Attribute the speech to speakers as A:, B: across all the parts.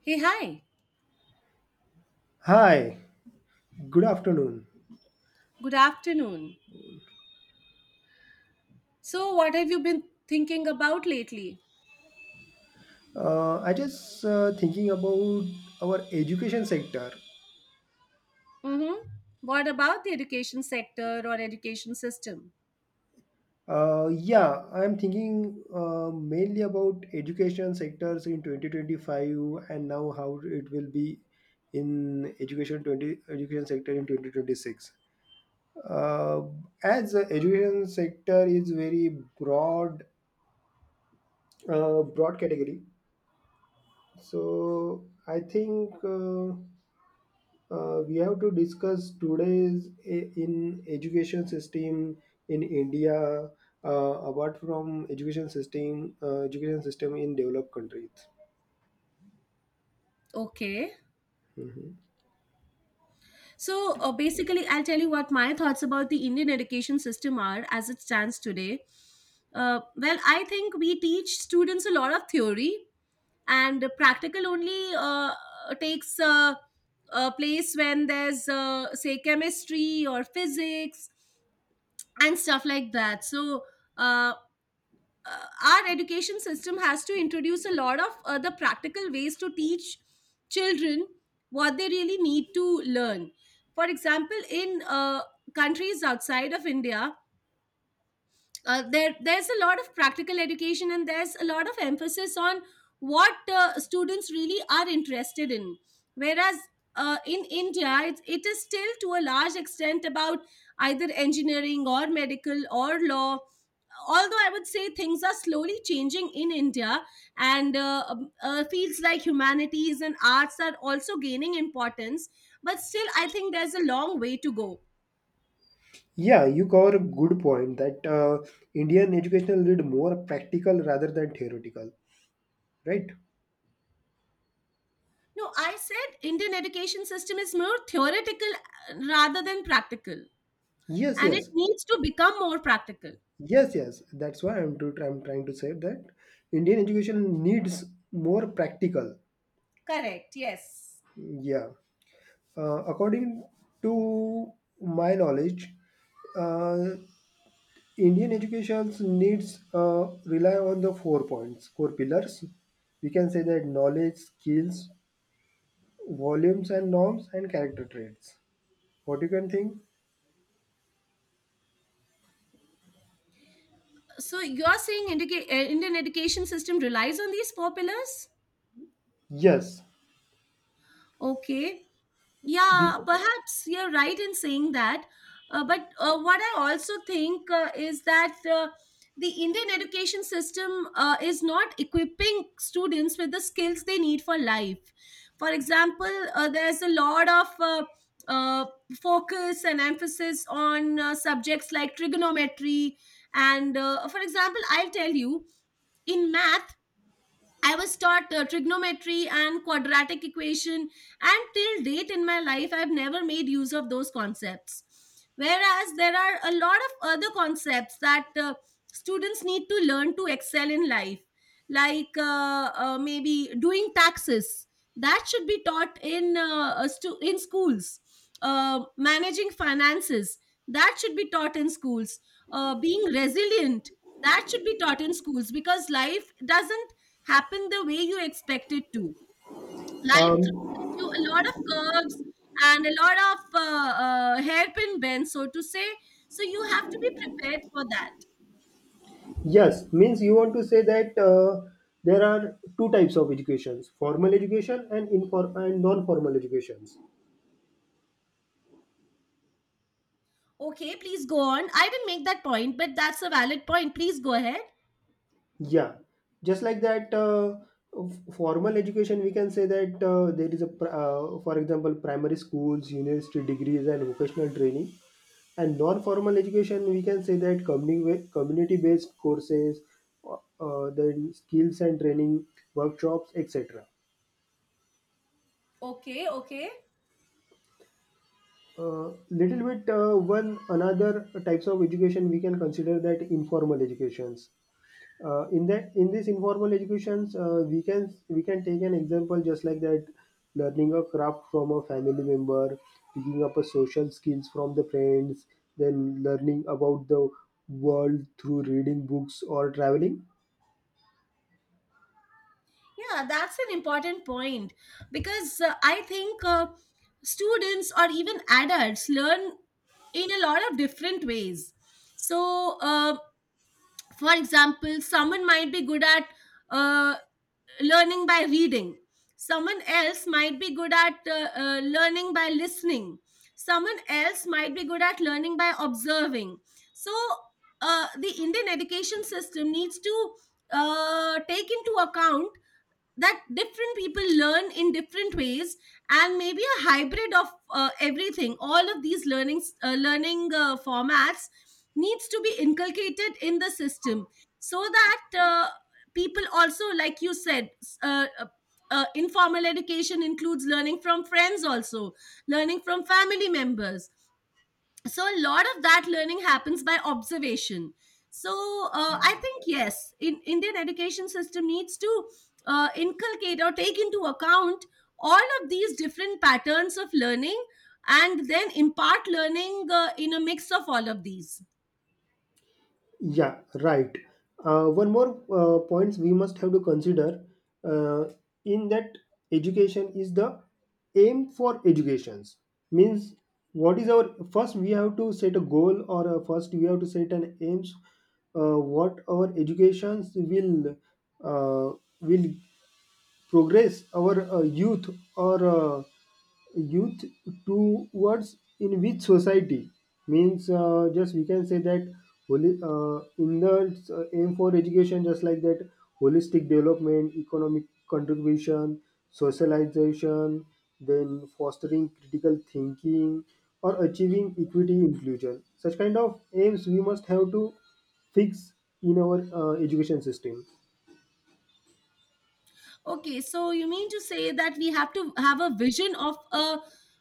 A: Hey, hi.
B: Hi, good afternoon.
A: Good afternoon. So, what have you been thinking about lately?
B: I just thinking about our education sector.
A: Mm-hmm. What about the education sector or education system?
B: Yeah, I'm thinking mainly about education sectors in 2025 and now how it will be in education sector in 2026. Uh, as the education sector is very broad category, so I think. We have to discuss today's in education system in India, apart from education system in developed countries.
A: Okay.
B: Mhm.
A: So, basically, I'll tell you what my thoughts about the Indian education system are as it stands today. Well, I think we teach students a lot of theory, and practical only takes a place when there's, say, chemistry or physics and stuff like that. So uh, our education system has to introduce a lot of other practical ways to teach children what they really need to learn. For example, in countries outside of india, there's a lot of practical education, and there's a lot of emphasis on what students really are interested in. Whereas in india it is still to a large extent about either engineering or medical or law. Although I would say things are slowly changing in india, and fields like humanities and arts are also gaining importance, but still I think there's a long way to go.
B: Yeah, you cover a good point that Indian educational need more practical rather than theoretical, right?
A: No, I said Indian education system is more theoretical rather than practical,
B: Yes,
A: and it
B: yes,
A: needs to become more practical.
B: yes, yes. That's why I'm trying to say that Indian education needs more practical.
A: Correct, yes.
B: Yeah. According to my knowledge, uh, Indian education needs rely on the four points, four pillars. We can say that knowledge, skills, volumes and norms, and character traits. What you can think?
A: So you're saying Indian education system relies on these four pillars?
B: Yes,
A: Okay. Yeah,
B: because
A: perhaps you're right in saying that. But what I also think is that the Indian education system is not equipping students with the skills they need for life. For example, there's a lot of uh, focus and emphasis on subjects like trigonometry. And for example, I'll tell you, in math, I was taught trigonometry and quadratic equation, and till date in my life, I've never made use of those concepts. Whereas there are a lot of other concepts that students need to learn to excel in life, like maybe doing taxes. That should be taught in in schools. Managing finances, that should be taught in schools. Being resilient, that should be taught in schools, because life doesn't happen the way you expect it to. Life throws
B: um,
A: at you a lot of curves and a lot of hairpin bends, so to say. So you have to be prepared for that.
B: yes means you want to say that there are two types of educations: formal education and inform and non-formal educations.
A: Okay, please go on. I didn't make that point, but that's a valid point. Please go ahead.
B: Yeah, just like that, formal education, we can say that there is for example, primary schools, university degrees, and vocational training. And non-formal education, we can say that community-based courses, then skills and training workshops, etc.
A: Okay, okay.
B: Little bit one another types of education we can consider that informal educations, in this informal educations, we can take an example just like that: learning a craft from a family member, picking up a social skills from the friends, then learning about the world through reading books or traveling.
A: Yeah, that's an important point because I think students or even adults learn in a lot of different ways. So, for example, someone might be good at uh, learning by reading, someone else might be good at learning by listening, someone else might be good at learning by observing. So the indian education system needs to take into account that different people learn in different ways, and maybe a hybrid of everything, all of these learning formats needs to be inculcated in the system, so that people also, like you said, informal education includes learning from friends also, learning from family members, so a lot of that learning happens by observation. So I think yes, in indian education system needs to inculcate or take into account all of these different patterns of learning, and then impart learning in a mix of all of these.
B: Yeah, right. One more points we must have to consider, uh, in that education is the aim for educations, means what is our first we have to set a goal, or first we have to set an aims, what our educations will uh, will progress our youth, or youth towards in which society, means just we can say that holi in the aim for education just like that: holistic development, economic contribution, socialization, then fostering critical thinking, or achieving equity inclusion, such kind of aims we must have to fix in our education system.
A: Okay, so you mean to say that we have to have a vision of a,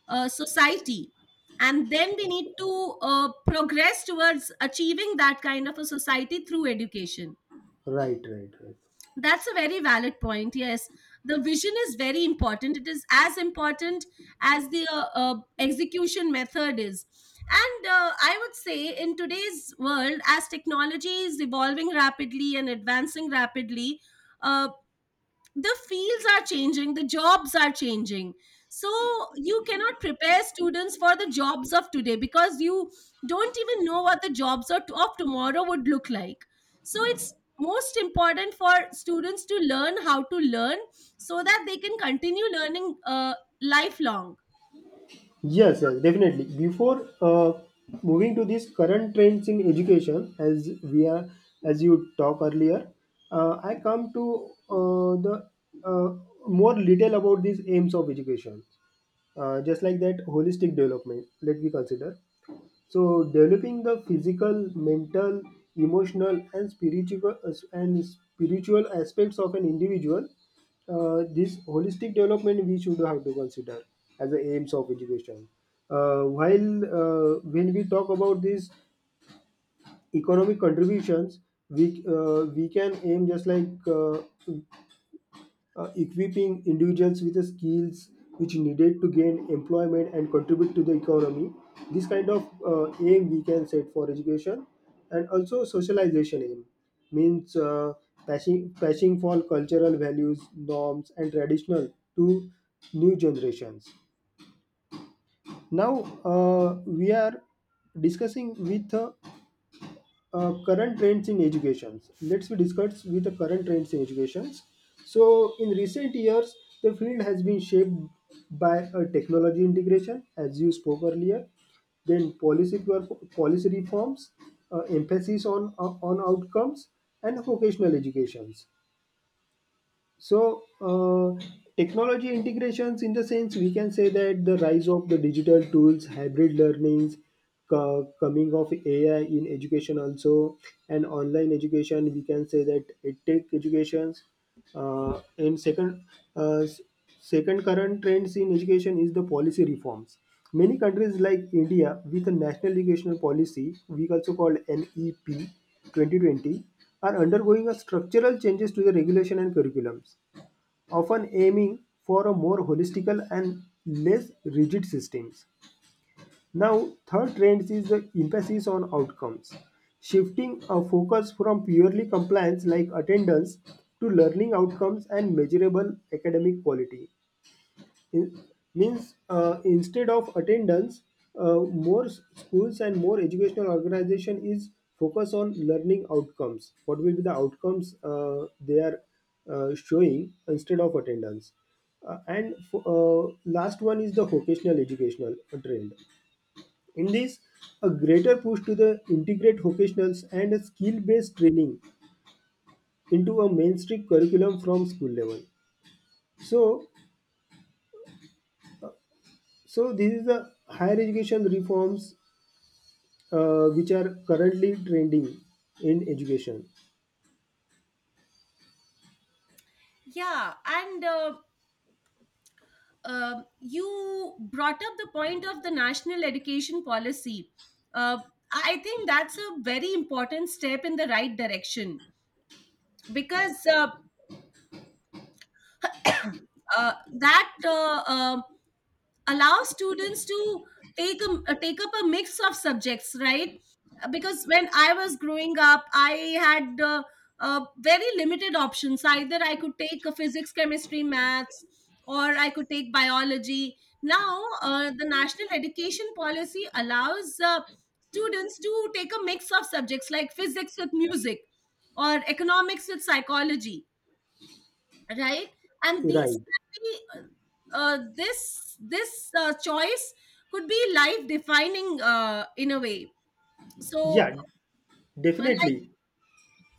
A: a society, and then we need to progress towards achieving that kind of a society through education.
B: Right, right, right.
A: That's a very valid point. Yes, the vision is very important. It is as important as the execution method is. And I would say, in today's world, as technology is evolving rapidly and advancing rapidly, uh, the fields are changing, the jobs are changing. So you cannot prepare students for the jobs of today, because you don't even know what the jobs of tomorrow would look like. So it's most important for students to learn how to learn, so that they can continue learning lifelong.
B: Yes, yes, definitely. Before moving to these current trends in education, as you talk earlier, I come to the uh, more detail about these aims of education. Just like that, holistic development. Let me consider. So developing the physical, mental, emotional, and spiritual aspects of an individual, this holistic development we should have to consider as the aims of education. While When we talk about these economic contributions, we can aim just like, equipping individuals with the skills which needed to gain employment and contribute to the economy. This kind of aim we can set for education, and also socialization aim, means passing for cultural values, norms, and traditional to new generations. Now we are discussing with, current trends in educations. Let's we discuss with the current trends in educations. So, in recent years, the field has been shaped by a technology integration, as you spoke earlier, then policy reforms, emphasis on outcomes, and vocational educations. So, technology integrations, in the sense we can say that the rise of the digital tools, hybrid learnings, coming of AI in education also, and online education, we can say that it take educations. And second, uh, s- second current trends in education is the policy reforms. Many countries like India with a national educational policy, we also called NEP 2020, are undergoing a structural changes to the regulation and curriculums, often aiming for a more holistical and less rigid systems. Now, third trend is the emphasis on outcomes, shifting a focus from purely compliance like attendance to learning outcomes and measurable academic quality. In- Means, instead of attendance, uh, more schools and more educational organization is focus on learning outcomes, what will be the outcomes they are showing instead of attendance. uh, and f- uh, Last one is the vocational educational trend. In this, a greater push to the integrate vocationals and a skill based training into a mainstream curriculum from school level. so so this is the higher education reforms, which are currently trending in education.
A: Yeah, and you brought up the point of the national education policy. uh, I think that's a very important step in the right direction, because that allows students to take up a mix of subjects, right? Because when I was growing up, I had uh, very limited options. Either I could take a physics, chemistry, maths, or I could take biology. Now the national education policy allows students to take a mix of subjects, like physics with music, or economics with psychology, right? And these
B: Right.
A: can be, this this choice could be life defining in a way. So
B: Yeah,
A: but like,
B: definitely.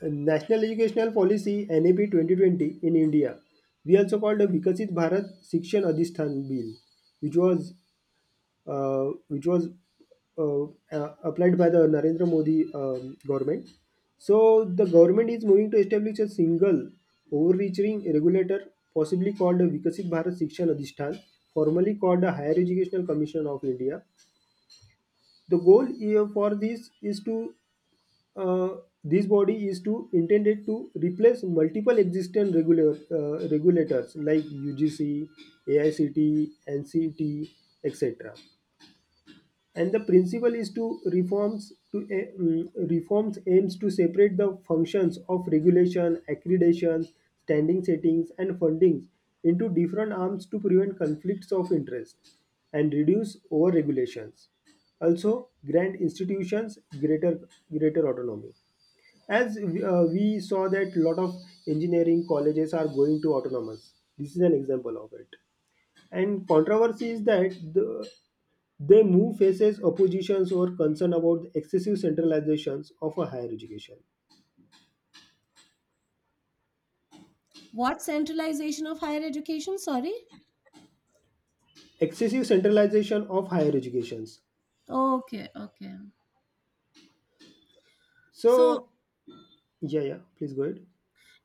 B: National Educational Policy NAP 2020 in India. We also called the Vikasit Bharat Shikshan Adhisthan Bill, which was which was, uh, applied by the Narendra Modi government. So the government is moving to establish a single overreaching regulator, possibly called the Vikasit Bharat Shikshan Adhishtan, formerly called the Higher Educational Commission of India. The goal here for this is to, uh, this body is to intended to replace multiple existing regulators like UGC, AICT, NCT, etc., and the principle is to reforms to reforms aims to separate the functions of regulation accreditation standing settings and fundings into different arms to prevent conflicts of interest and reduce over regulations, also grant institutions greater greater autonomy, as we saw that lot of engineering colleges are going to autonomous, this is an example of it. And controversy is that they move faces oppositions or concern about the excessive centralizations of a higher education.
A: what centralization of higher education? Sorry.
B: Excessive centralization of higher educations.
A: Okay, okay. So
B: So, yeah, yeah, please go ahead.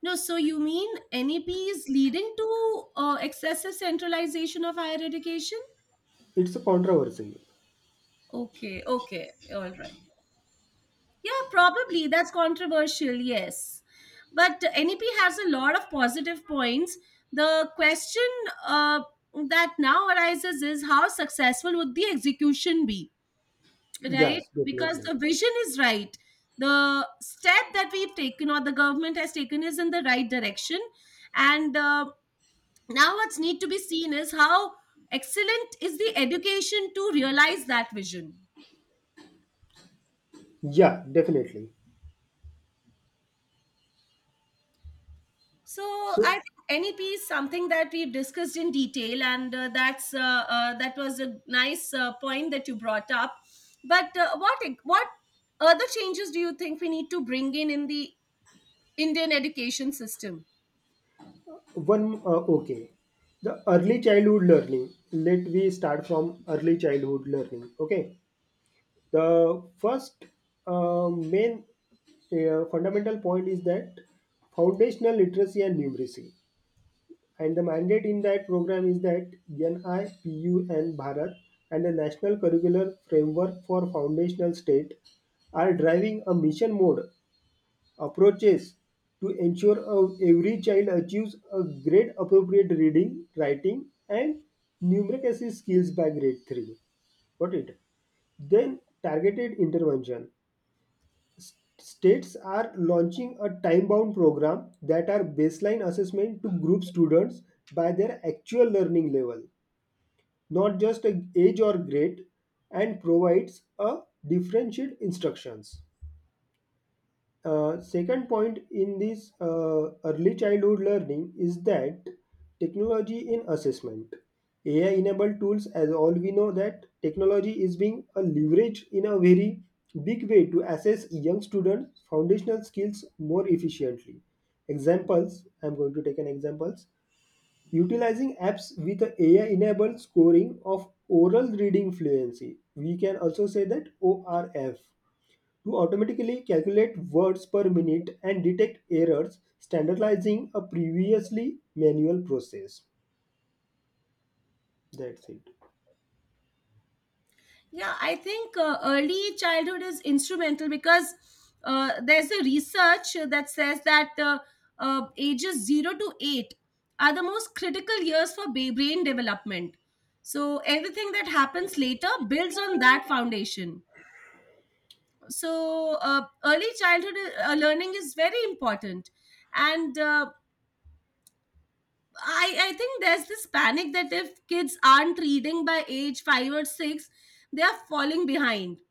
A: no, you mean neps leading to excessive centralization of higher education.
B: It's a controversy.
A: Okay, okay, all right. Yeah, probably. That's controversial, yes. But NEP has a lot of positive points. The question uh, that now arises is, how successful would the execution be, right?
B: Yes,
A: Because
B: definitely.
A: the vision is right. The step that we've taken, or the government has taken, is in the right direction. And now what's need to be seen is how excellent is the education to realize that vision.
B: Yeah, definitely.
A: So I
B: So
A: think NEP is something that we've discussed in detail, and that was a nice point that you brought up. But what other changes do you think we need to bring in the Indian education system?
B: one, okay. The early childhood learning. Let we start from early childhood learning. Okay. The first main fundamental point is that foundational literacy and numeracy. And the mandate in that program is that NIPU and Bharat and the National Curricular Framework for Foundational State are driving a mission mode approaches to ensure every child achieves a grade appropriate reading, writing, and numeracy skills by grade 3. Got it? Then targeted intervention. S- States are launching a time-bound program that are baseline assessment to group students by their actual learning level, not just a age or grade, and provides a differentiated instructions. Second point in this early childhood learning is that technology in assessment. AI enabled tools, as all we know that technology is being a leverage in a very big way to assess young students foundational skills more efficiently. Examples, I'm going to take an examples: utilizing apps with a AI enabled scoring of oral reading fluency, we can also say that ORF, to automatically calculate words per minute and detect errors, standardizing a previously manual process. That's it.
A: Yeah, I think early childhood is instrumental, because there's a research that says that ages 0 to 8 are the most critical years for brain development. So everything that happens later builds on that foundation. So early childhood learning is very important. And uh, I think there's this panic that if kids aren't reading by age 5 or 6, they are falling behind,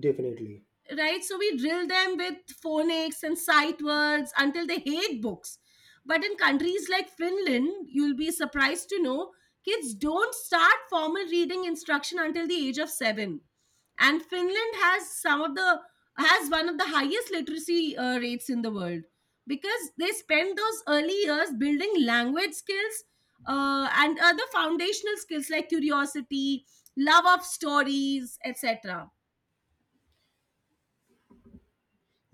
B: Definitely.
A: right? So we drill them with phonics and sight words until they hate books. But in countries like Finland, you'll be surprised to know kids don't start formal reading instruction until the age of seven. And Finland has some of the has one of the highest literacy rates in the world, because they spend those early years building language skills and other foundational skills like curiosity, love of stories, etc.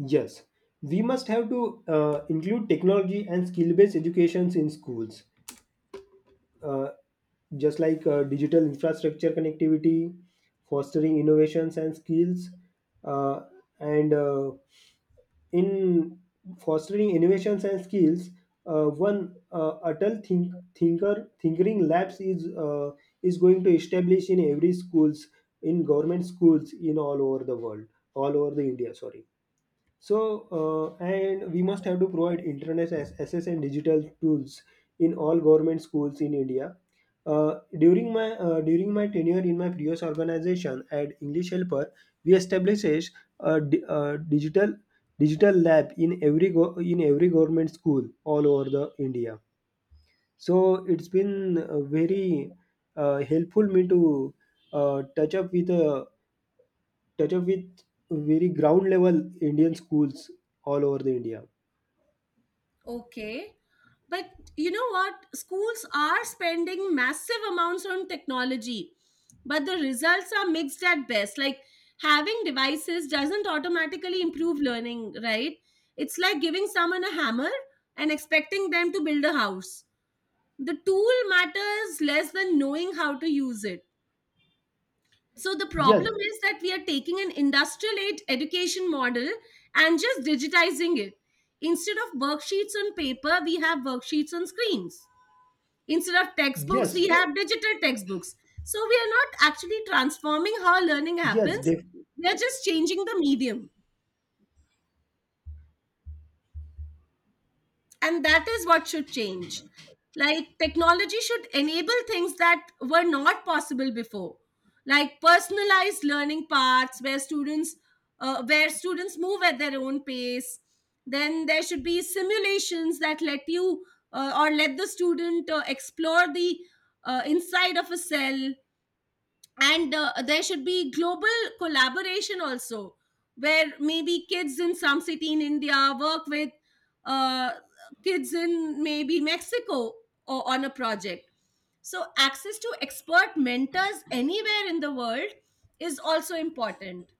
B: Yes, we must have to include technology and skill based educations in schools, uh, just like, digital infrastructure connectivity, fostering innovations and skills, uh, and in fostering innovations and skills, one adult think, thinker thinkering labs is, is going to establish in every schools, in government schools in all over the world, all over the India, sorry. So, and we must have to provide internet access and digital tools in all government schools in India. During my tenure in my previous organization at English Helper, we established a digital lab in in every government school all over the India. So it's been very helpful me to uh, touch up with uh, touch up with very ground level Indian schools all over the India.
A: Okay. But you know what? Schools are spending massive amounts on technology, but the results are mixed at best. Like, having devices doesn't automatically improve learning, right? It's like giving someone a hammer and expecting them to build a house. The tool matters less than knowing how to use it. So the
B: Yes,
A: problem is that we are taking an industrial aid education model and just digitizing it. Instead of worksheets on paper, we have worksheets on screens. Instead of textbooks,
B: yes,
A: we have digital textbooks. So we are not actually transforming how learning
B: yes,
A: happens.
B: def-
A: We are just changing the medium. And that is what should change. Like, technology should enable things that were not possible before, like personalized learning paths where students move at their own pace. Then there should be simulations that let you, or let the student explore the inside of a cell. And there should be global collaboration also, where maybe kids in some city in india work with uh, kids in maybe mexico or on a project. So access to expert mentors anywhere in the world is also important.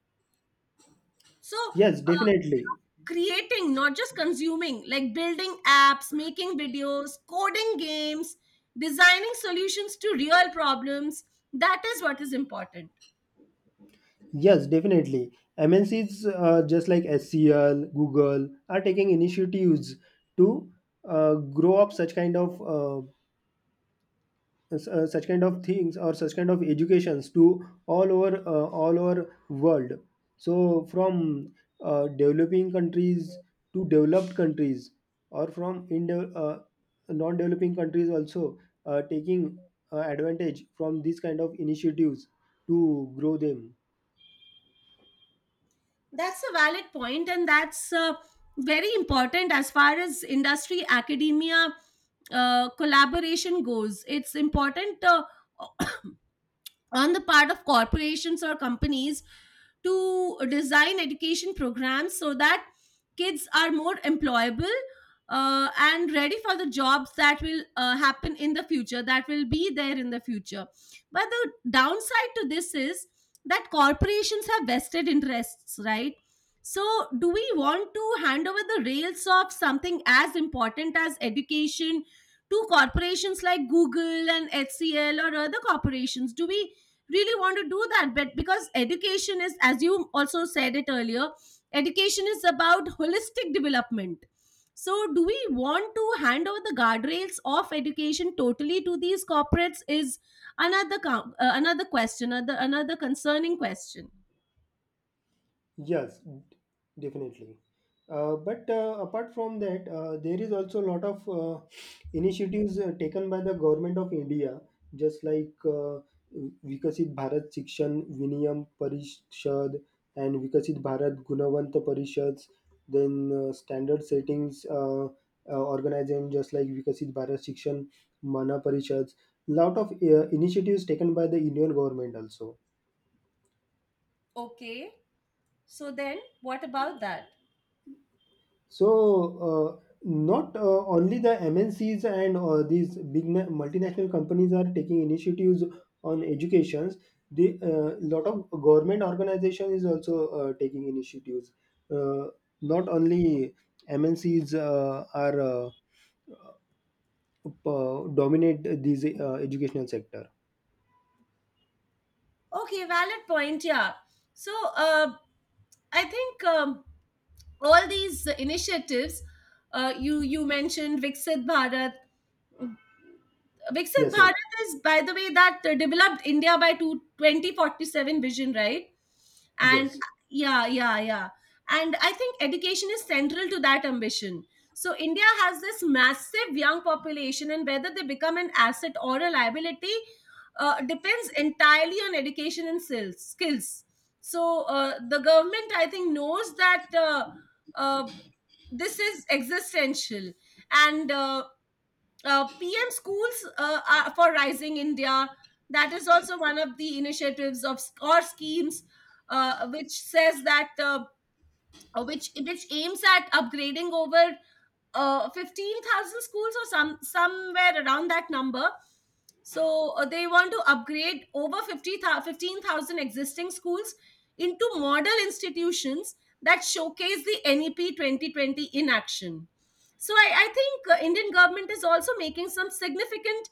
A: So
B: yes, definitely.
A: creating, not just consuming, like building apps, making videos, coding games, designing solutions to real problems, that is what is important.
B: Yes, definitely. MNCs, just like SCL, Google are taking initiatives to, grow up such kind of, such kind of things or such kind of educations to all over, all over world. So from, developing countries to developed countries, or from non-developing countries also taking advantage from these kind of initiatives to grow them.
A: That's a valid point, and that's very important as far as industry academia collaboration goes. It's important. On the part of corporations or companies to design education programs so that kids are more employable and ready for the jobs that will happen in the future, that will be there in the future. But the downside to this is that corporations have vested interests, right? So, do we want to hand over the rails of something as important as education to corporations like Google and HCL or other corporations? Do we really want to do that? But because education is, as you also said it earlier, education is about holistic development. So do we want to hand over the guardrails of education totally to these corporates is another question, another concerning question.
B: Yes, d- definitely. But apart from that, there is also a lot of initiatives taken by the government of India, just like Vikasit Bharat Shikshan Viniyam Parishad and Vikasit Bharat Gunavanta Parishads, then standard settings organization just like Vikasit Bharat Shikshan Mana Parishads. Lot of initiatives taken by the Indian government also.
A: Okay, so then what about that?
B: So, not only the MNCs and these multinational companies are taking initiatives on educations. The lot of government organization is also taking initiatives. Uh, Not only MNCs are dominate this educational sector.
A: Okay, valid point, yeah. So uh, I think all these initiatives, you mentioned Viksit Bharat. Viksit
B: Yes, yes,
A: Bharat is, by the way, that developed India by 2047 vision, right? And
B: yes.
A: yeah, yeah, yeah. And I think education is central to that ambition. So India has this massive young population, and whether they become an asset or a liability depends entirely on education and skills. Skills. So the government, I think, knows that uh, this is existential, and PM schools are for Rising India. That is also one of the initiatives of or schemes which says that which aims at upgrading over 15,000 schools or somewhere around that number. So they want to upgrade over 15,000 existing schools into model institutions that showcase the NEP 2020 in action. So I think Indian government is also making some significant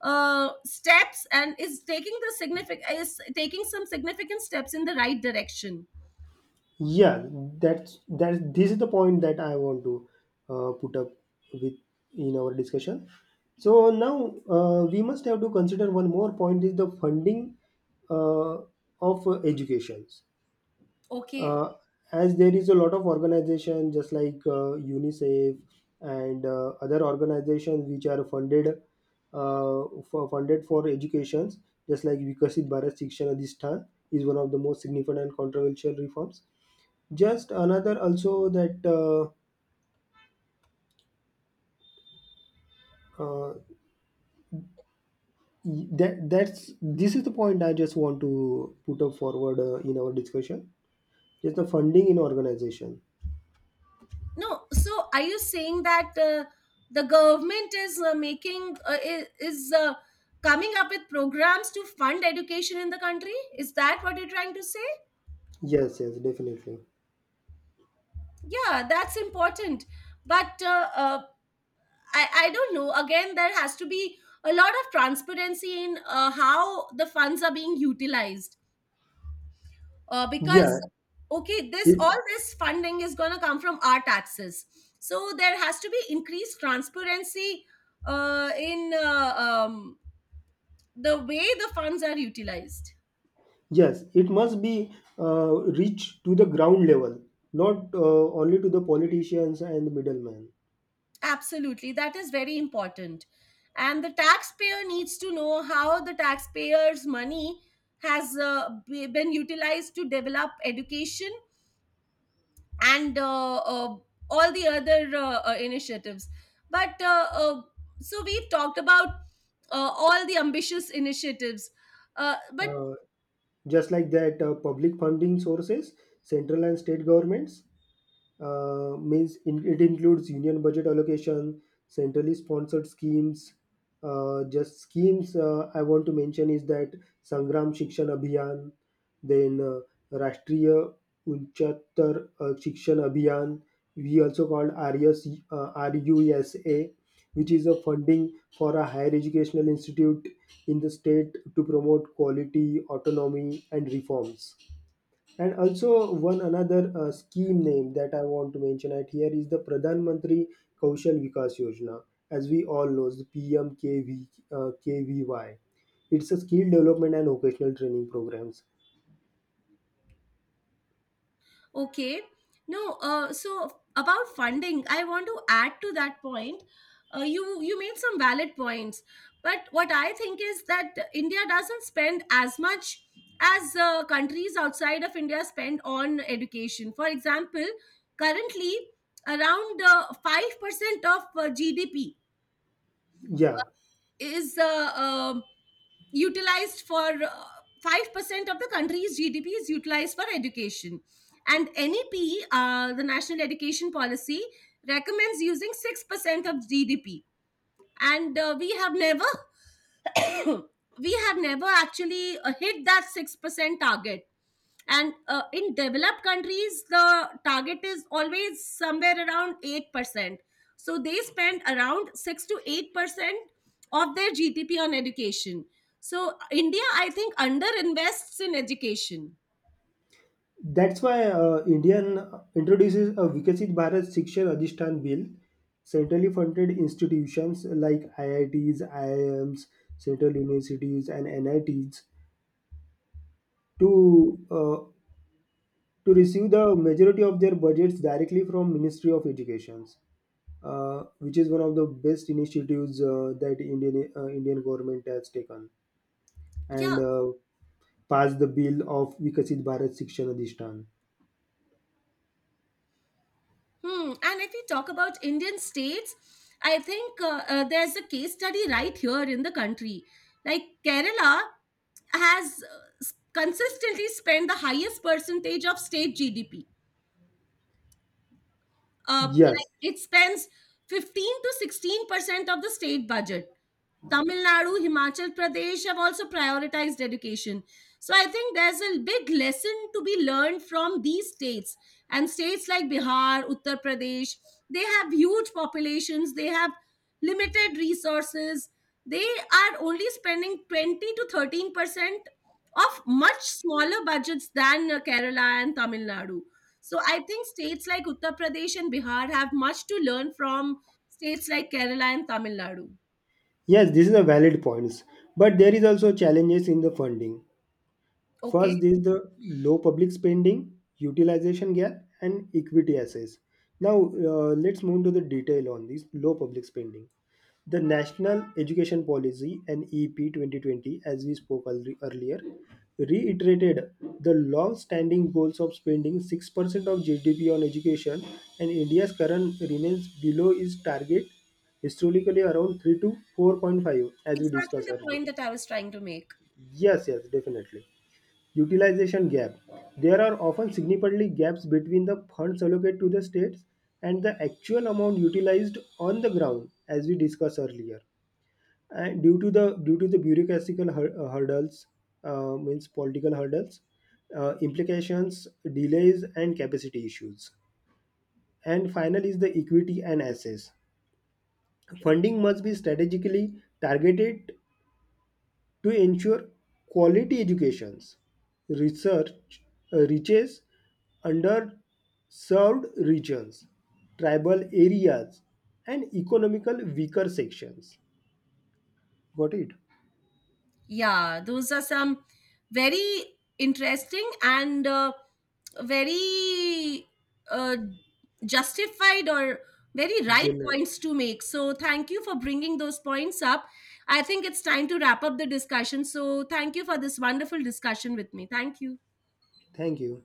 A: steps and is taking some significant steps in the right direction.
B: Yeah, that's that. This is the point that I want to put up with in our discussion. So now we must have to consider one more point is the funding uh, of educations.
A: Okay.
B: Uh, as there is a lot of organization just like UNICEF and other organizations which are funded uh, funded for educations, just like Vikasit Bharat Shikshan Adhisthan is one of the most significant and controversial reforms, just another also that, uh, that that's this is the point I just want to put up forward in our discussion, just the funding in organization.
A: No, so are you saying that the government is coming up with programs to fund education in the country? Is that what you're trying to say?
B: Yes, yes, definitely.
A: Yeah, that's important. But I don't know. Again, there has to be a lot of transparency in how the funds are being utilized, because
B: Yeah.
A: okay, this
B: it,
A: all this funding is going to come from our taxes, so there has to be increased transparency in the way the funds are utilized.
B: yes, it must be reached to the ground level, not only to the politicians and the middlemen.
A: Absolutely, that is very important, and the taxpayer needs to know how the taxpayers money has been utilized to develop education and all the other initiatives. But so we've talked about all the ambitious initiatives. But
B: Uh, just like that, public funding sources, central and state governments, means it includes union budget allocation, centrally sponsored schemes. Just schemes I want to mention is that Sangram Shikshan Abhiyan, then Rashtriya Unchatar Shikshan Abhiyan, we also called RUSA, which is a funding for a higher educational institute in the state to promote quality, autonomy, and reforms. And also one another scheme name that I want to mention at here is the Pradhan Mantri Kaushal Vikas Yojana, as we all know, the PMKV KVY. It's a skill development and vocational training programs.
A: Okay. No, so about funding, I want to add to that point. You made some valid points, but what I think is that India doesn't spend as much as countries outside of India spend on education. For example, currently around 5% of GDP
B: Yeah,
A: is utilized for 5% of the country's GDP is utilized for education. And NEP, the National Education Policy, recommends using 6% of GDP. And we have never we have never actually hit that 6% target. And in developed countries the target is always somewhere around 8%, so they spend around 6 to 8% of their GDP on education. So India, I think, underinvests in education.
B: that's why Indian introduces a Vikasit Bharat Shikshan Adhishtan Bill. Centrally funded institutions like IITs, IIMs, Central Universities, and NITs to, receive the majority of their budgets directly from Ministry of Education, which is one of the best initiatives that Indian government has taken,
A: Yeah.
B: and passed the bill of Vikasit Bharat Shikshan Adhishthan.
A: Hmm. And if we talk about Indian states, I think there's a case study right here in the country. Like Kerala has consistently spent the highest percentage of state GDP.
B: Yes,
A: Like it spends 15 to 16% of the state budget. Tamil Nadu, Himachal Pradesh have also prioritized education. So I think there's a big lesson to be learned from these states. And states like Bihar, Uttar Pradesh, they have huge populations, they have limited resources. They are only spending 20 to 13% of much smaller budgets than Kerala and Tamil Nadu. So I think states like Uttar Pradesh and Bihar have much to learn from states like Kerala and Tamil Nadu.
B: yes, this is a valid points, but there is also challenges in the funding.
A: Okay,
B: First is the low public spending, utilization gap, and equity assets. Now, let's move to the detail on this low public spending. The National Education Policy and E P 2020, as we spoke earlier, reiterated the long-standing goals of spending 6% of GDP on education, and India's current remains below its target, historically around 3 to 4.5, as we
A: exactly
B: discussed
A: the
B: earlier.
A: point that I was trying to make.
B: Yes, yes, definitely. Utilization gap. There are often significantly gaps between the funds allocated to the states and the actual amount utilized on the ground, as we discussed earlier. And due to the bureaucratic hurdles, means political hurdles, implications, delays, and capacity issues. And final is the equity and assets. Funding must be strategically targeted to ensure quality educations research reaches underserved regions, tribal areas, and economical weaker sections. Got it?
A: Yeah, those are some very interesting and very uh, justified or very right
B: General.
A: points to make. So thank you for bringing those points up. I think it's time to wrap up the discussion. So thank you for this wonderful discussion with me. Thank you.
B: Thank you.